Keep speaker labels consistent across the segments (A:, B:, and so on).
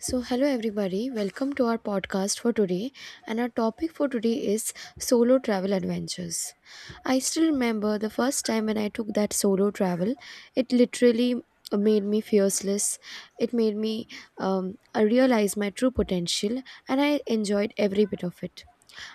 A: So, hello everybody, welcome to our podcast for today. And our topic for today is solo travel adventures. I still remember the first time when I took that solo travel, it literally made me fearless. It made me I realize my true potential and I enjoyed every bit of it.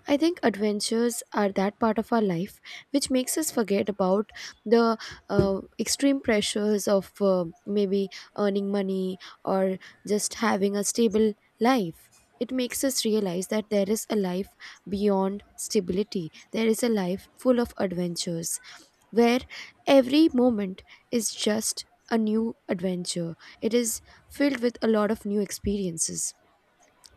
A: I think adventures are that part of our life which makes us forget about the extreme pressures of maybe earning money or just having a stable life. It makes us realize that there is a life beyond stability, there is a life full of adventures where every moment is just a new adventure. It is filled with a lot of new experiences.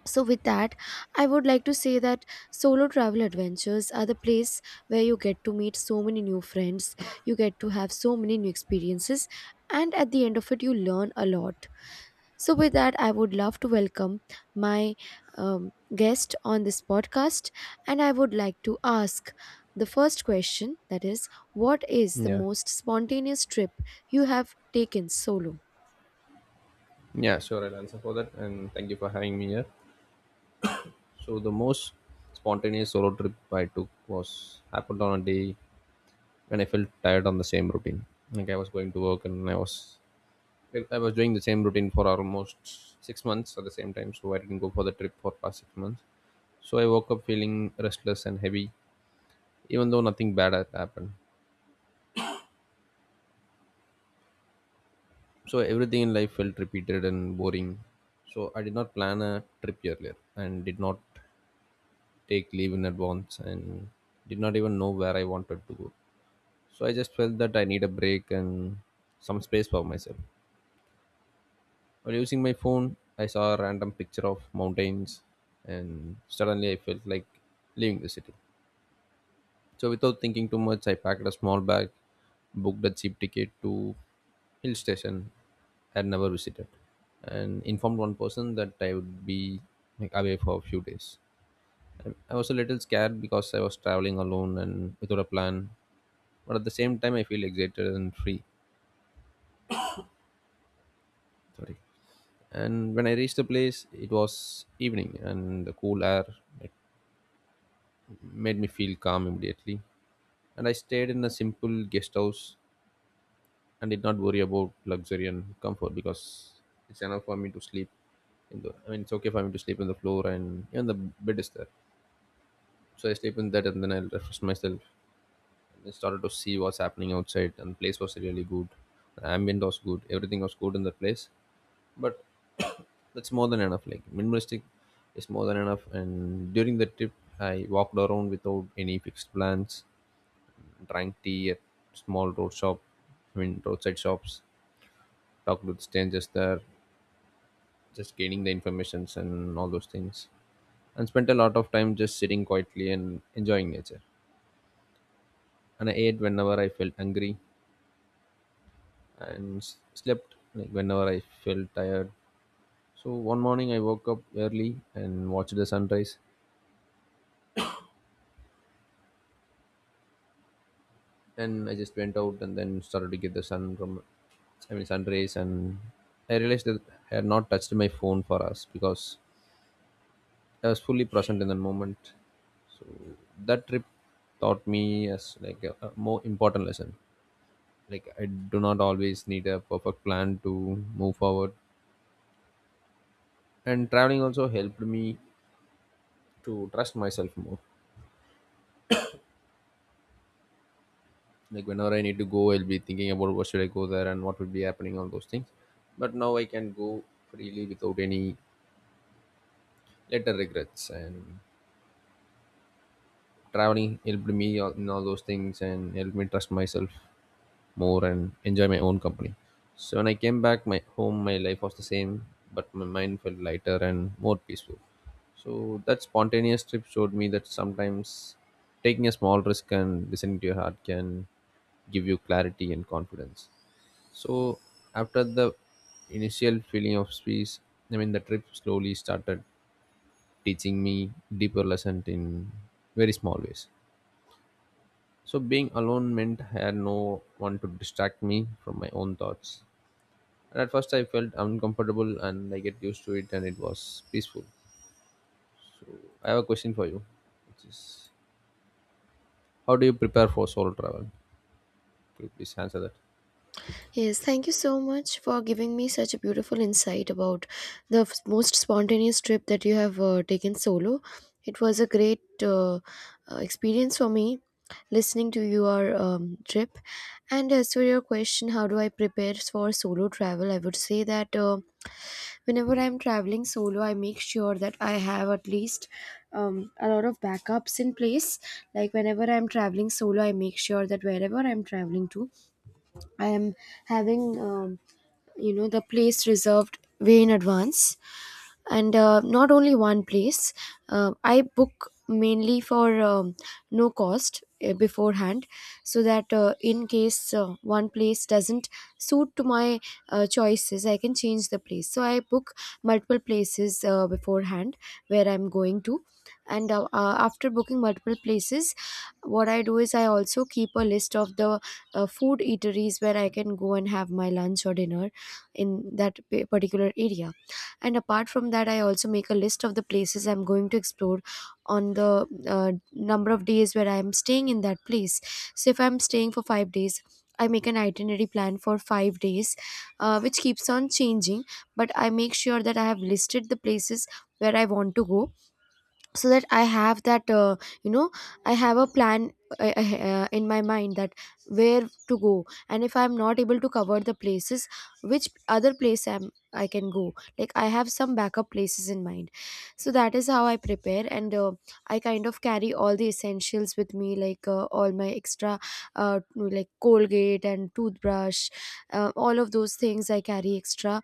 A: So, with that, I would like to say that solo travel adventures are the place where you get to meet so many new friends, you get to have so many new experiences, and at the end of it, you learn a lot. So, with that, I would love to welcome my guest on this podcast, and I would like to ask the first question that is, what is the
B: Yeah,
A: most spontaneous trip you have taken solo?
B: yeah, sure. I'll answer for that. And thank you for having me here. So the most spontaneous solo trip I took was happened on a day when I felt tired on the same routine. Like I was going to work and I was doing the same routine for almost 6 months at the same time. So I didn't go for the trip for past 6 months. So I woke up feeling restless and heavy, even though nothing bad had happened. So everything in life felt repeated and boring. So I did not plan a trip earlier and did not take leave in advance and did not even know where I wanted to go. So I just felt that I need a break and some space for myself. While using my phone, I saw a random picture of mountains and suddenly I felt like leaving the city. So without thinking too much, I packed a small bag, booked a cheap ticket to hill station I had never visited and informed one person that I would be like away for a few days. I was a little scared because I was traveling alone and without a plan, but at the same time, I feel excited and free. Sorry. And when I reached the place, it was evening, and the cool air it made me feel calm immediately. And I stayed in a simple guest house and did not worry about luxury and comfort because it's enough for me to sleep. In the, I mean, It's okay for me to sleep on the floor, and even the bed is there. So I sleep in that, and then I'll refresh myself. I started to see what's happening outside, and place was really good. The ambient was good. Everything was good in the place. But that's more than enough. Like minimalistic is more than enough. And during the trip, I walked around without any fixed plans. Drank tea at small road shop. I mean roadside shops. Talked with strangers there. Just gaining the informations and all those things. And spent a lot of time just sitting quietly and enjoying nature. And I ate whenever I felt hungry and slept like whenever I felt tired. So one morning I woke up early and watched the sunrise, and I just went out and then started to get the sun rays, and I realized that I had not touched my phone for us because I was fully present in the moment. So that trip taught me as like a more important lesson. Like I do not always need a perfect plan to move forward, and traveling also helped me to trust myself more. Like whenever I need to go, I'll be thinking about what should I go there and what would be happening all those things, but now I can go freely without any later regrets, and traveling helped me in all those things and helped me trust myself more and enjoy my own company. So when I came back my home, my life was the same, but my mind felt lighter and more peaceful. So that spontaneous trip showed me that sometimes taking a small risk and listening to your heart can give you clarity and confidence. So after the initial feeling of space, I mean the trip slowly started teaching me deeper lessons in very small ways. So being alone meant I had no one to distract me from my own thoughts. And at first I felt uncomfortable and I get used to it and it was peaceful. I have a question for you, which is how do you prepare for solo travel? Could you please answer that?
A: Yes, thank you so much for giving me such a beautiful insight about the most spontaneous trip that you have taken solo. It was a great experience for me listening to your trip. And as for your question, how do I prepare for solo travel? I would say that whenever I'm traveling solo, I make sure that I have at least a lot of backups in place. Like whenever I'm traveling solo, I make sure that wherever I'm traveling to, I am having, um, you know, the place reserved way in advance, and not only one place. I book mainly for no cost beforehand, so that in case one place doesn't suit to my choices, I can change the place. So I book multiple places beforehand where I'm going to. And after booking multiple places, what I do is I also keep a list of the food eateries where I can go and have my lunch or dinner in that particular area. And apart from that, I also make a list of the places I'm going to explore on the number of days where I'm staying in that place. So if I'm staying for 5 days, I make an itinerary plan for 5 days, which keeps on changing. But I make sure that I have listed the places where I want to go so that I have that you know I have a plan in my mind that where to go, and if I'm not able to cover the places, which other place I can go. Like I have some backup places in mind. So that is how I prepare. And I kind of carry all the essentials with me, like all my extra uh, like Colgate and toothbrush, all of those things I carry extra.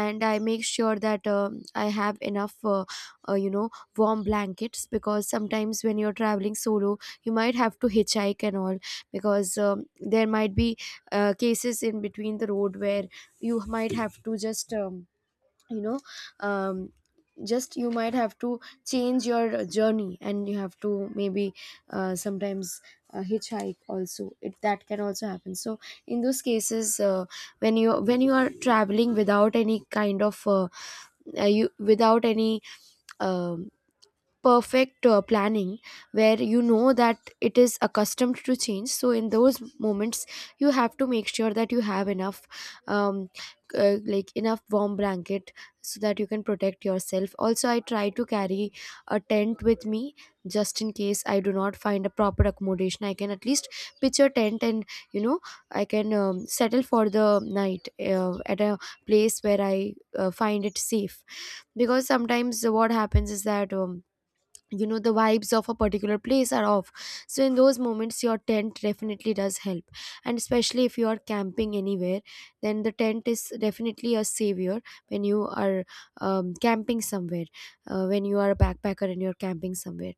A: And I make sure that I have enough uh, you know warm blankets, because sometimes when you're traveling solo you might have to hitchhike and all, because there might be cases in between the road where you might have to just you know um, just you might have to change your journey, and you have to maybe sometimes hitchhike also, it that can also happen. So in those cases, when you are traveling without any kind of you without any um perfect planning, where you know that it is accustomed to change, so in those moments you have to make sure that you have enough um, like enough warm blanket, so that you can protect yourself. Also I try to carry a tent with me, just in case I do not find a proper accommodation, I can at least pitch a tent and, you know, I can settle for the night at a place where I find it safe. Because sometimes what happens is that, you know, the vibes of a particular place are off, so in those moments your tent definitely does help. And especially if you are camping anywhere, then the tent is definitely a savior when you are camping somewhere, when you are a backpacker and you're camping somewhere.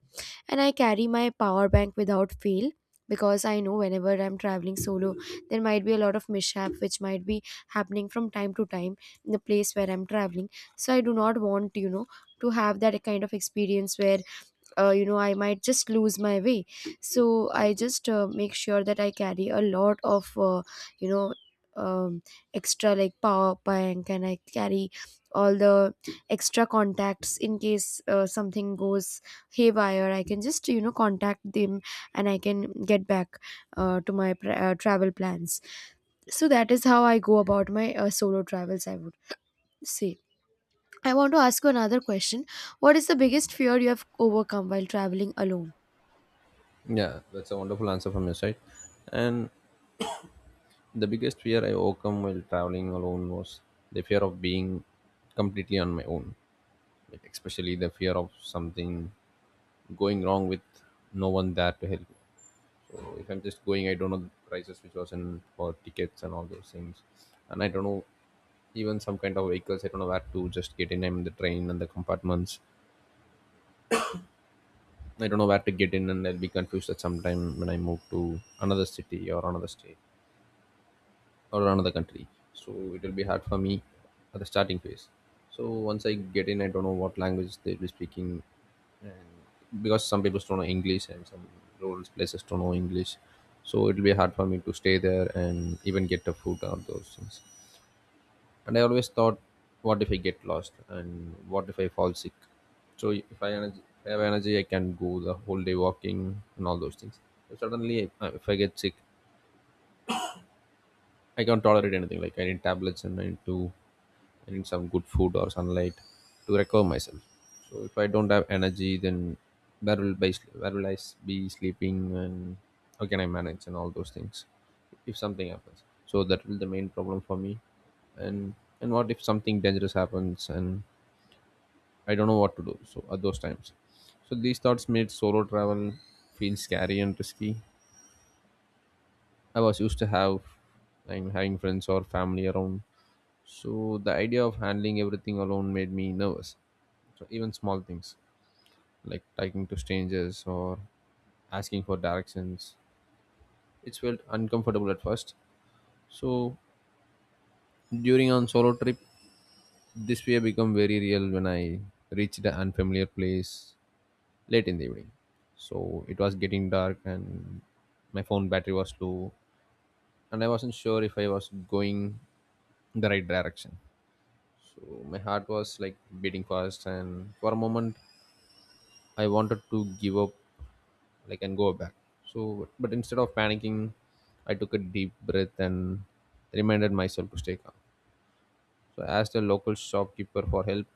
A: And I carry my power bank without fail, because I know whenever I'm traveling solo there might be a lot of mishap which might be happening from time to time in the place where I'm traveling. So I do not want, you know, to have that kind of experience where, you know, I might just lose my way. So I just make sure that I carry a lot of you know um, extra, like power bank. And I carry all the extra contacts in case something goes haywire, I can just, you know, contact them and I can get back to my travel plans. So that is how I go about my solo travels, I would say. I want to ask you another question. What is the biggest fear you have overcome while traveling alone?
B: Yeah, that's a wonderful answer from your side. And the biggest fear I overcome while traveling alone was the fear of being completely on my own, like especially the fear of something going wrong with no one there to help me. So if I'm just going, I don't know the prices which was in for tickets and all those things, and I don't know even some kind of vehicles. I don't know where to just get in. I'm in the train and the compartments. I don't know where to get in, and I'll be confused at some time when I move to another city or another state, or another country. So it will be hard for me at the starting phase. So once I get in, I don't know what language they'll be speaking because some people don't know English and some rural places don't know English. So it'll be hard for me to stay there and even get the food or those things. And I always thought, what if I get lost and what if I fall sick? So if I energy, have energy, I can go the whole day walking and all those things. But suddenly, if I get sick, I can't tolerate anything. Like I need tablets and I need some good food or sunlight to recover myself. So if I don't have energy, then where will I be sleeping and how can I manage and all those things if something happens. So that will be the main problem for me. And what if something dangerous happens and I don't know what to do. So at those times, so these thoughts made solo travel feel scary and risky. I was used to have I'm having friends or family around, so the idea of handling everything alone made me nervous. So even small things like talking to strangers or asking for directions, it felt uncomfortable at first. So during on solo trip, this fear became very real when I reached the unfamiliar place late in the evening. So it was getting dark and my phone battery was low and I wasn't sure if I was going the right direction. So my heart was like beating fast and for a moment I wanted to give up, like, and go back. So, but instead of panicking, I took a deep breath and reminded myself to stay calm. So, I asked a local shopkeeper for help,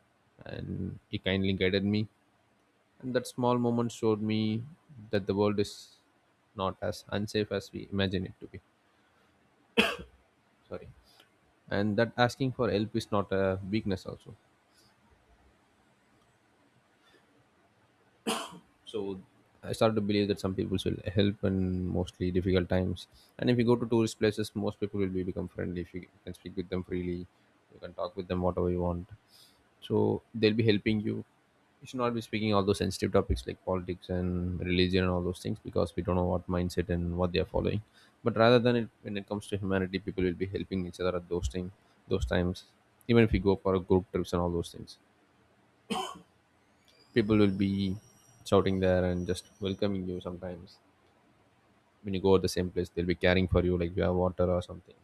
B: and he kindly guided me. And that small moment showed me that the world is not as unsafe as we imagine it to be. Sorry. And that asking for help is not a weakness, also. So I started to believe that some people will help in mostly difficult times, and if you go to tourist places, most people will be become friendly. If you can speak with them freely, you can talk with them whatever you want, so they'll be helping you. You should not be speaking all those sensitive topics like politics and religion and all those things because we don't know what mindset and what they are following. But rather than it, when it comes to humanity, people will be helping each other at those times. Even if you go for a group trips and all those things, people will be shouting there and just welcoming you. Sometimes when you go to the same place, they'll be caring for you, like if you have water or something.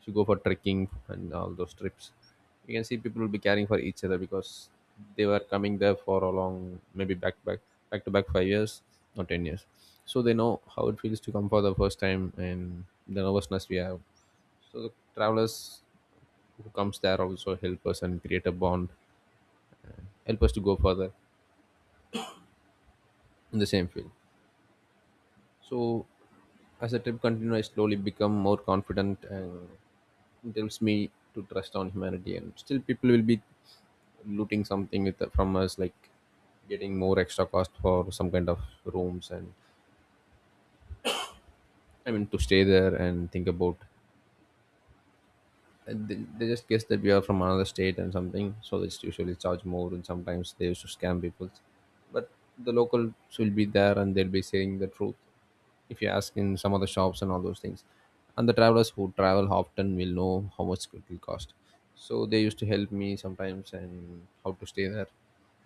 B: If you go for trekking and all those trips, you can see people will be caring for each other because they were coming there for a long, maybe back to back 5 years or 10 years. So they know how it feels to come for the first time and the nervousness we have. So the travelers who comes there also help us and create a bond, help us to go further in the same field. So as the trip continues, I slowly become more confident, and he tells me to trust on humanity, and still people will be looting something from us, like getting more extra cost for some kind of rooms, and I mean to stay there and think about, and they just guess that we are from another state and something, so they just usually charge more and sometimes they used to scam people. But the locals will be there and they'll be saying the truth if you ask in some other shops and all those things. And the travelers who travel often will know how much it will cost, so they used to help me sometimes and how to stay there.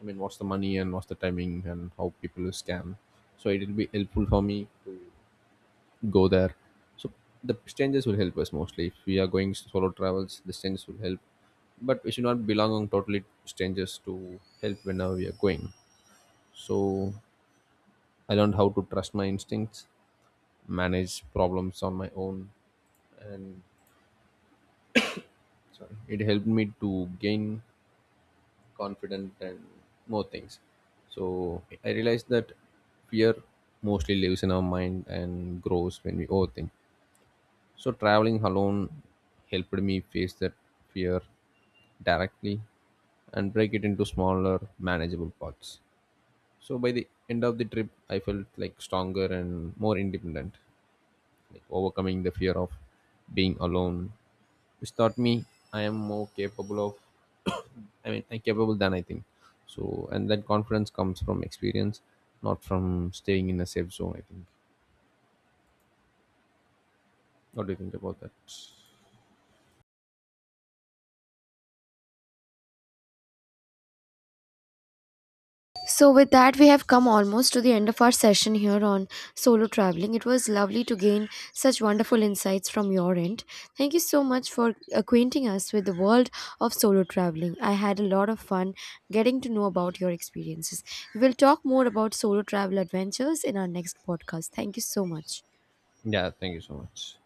B: I mean, what's the money and what's the timing and how people will scam. So it will be helpful for me to go there. So the strangers will help us mostly. If we are going solo travels, the strangers will help. But we should not belong on totally strangers to help whenever we are going. So I learned how to trust my instincts, manage problems on my own, and sorry, it helped me to gain confidence and more things. So I realized that fear mostly lives in our mind and grows when we overthink. So traveling alone helped me face that fear directly and break it into smaller, manageable parts. So by the end of the trip, I felt like stronger and more independent, like overcoming the fear of being alone, which taught me I am more capable of. I'm capable than I think. So and that confidence comes from experience, not from staying in a safe zone. I think. What do you think about that?
A: So, with that, we have come almost to the end of our session here on solo traveling. It was lovely to gain such wonderful insights from your end. Thank you so much for acquainting us with the world of solo traveling. I had a lot of fun getting to know about your experiences. We will talk more about solo travel adventures in our next podcast. Thank you so much.
B: Yeah, thank you so much.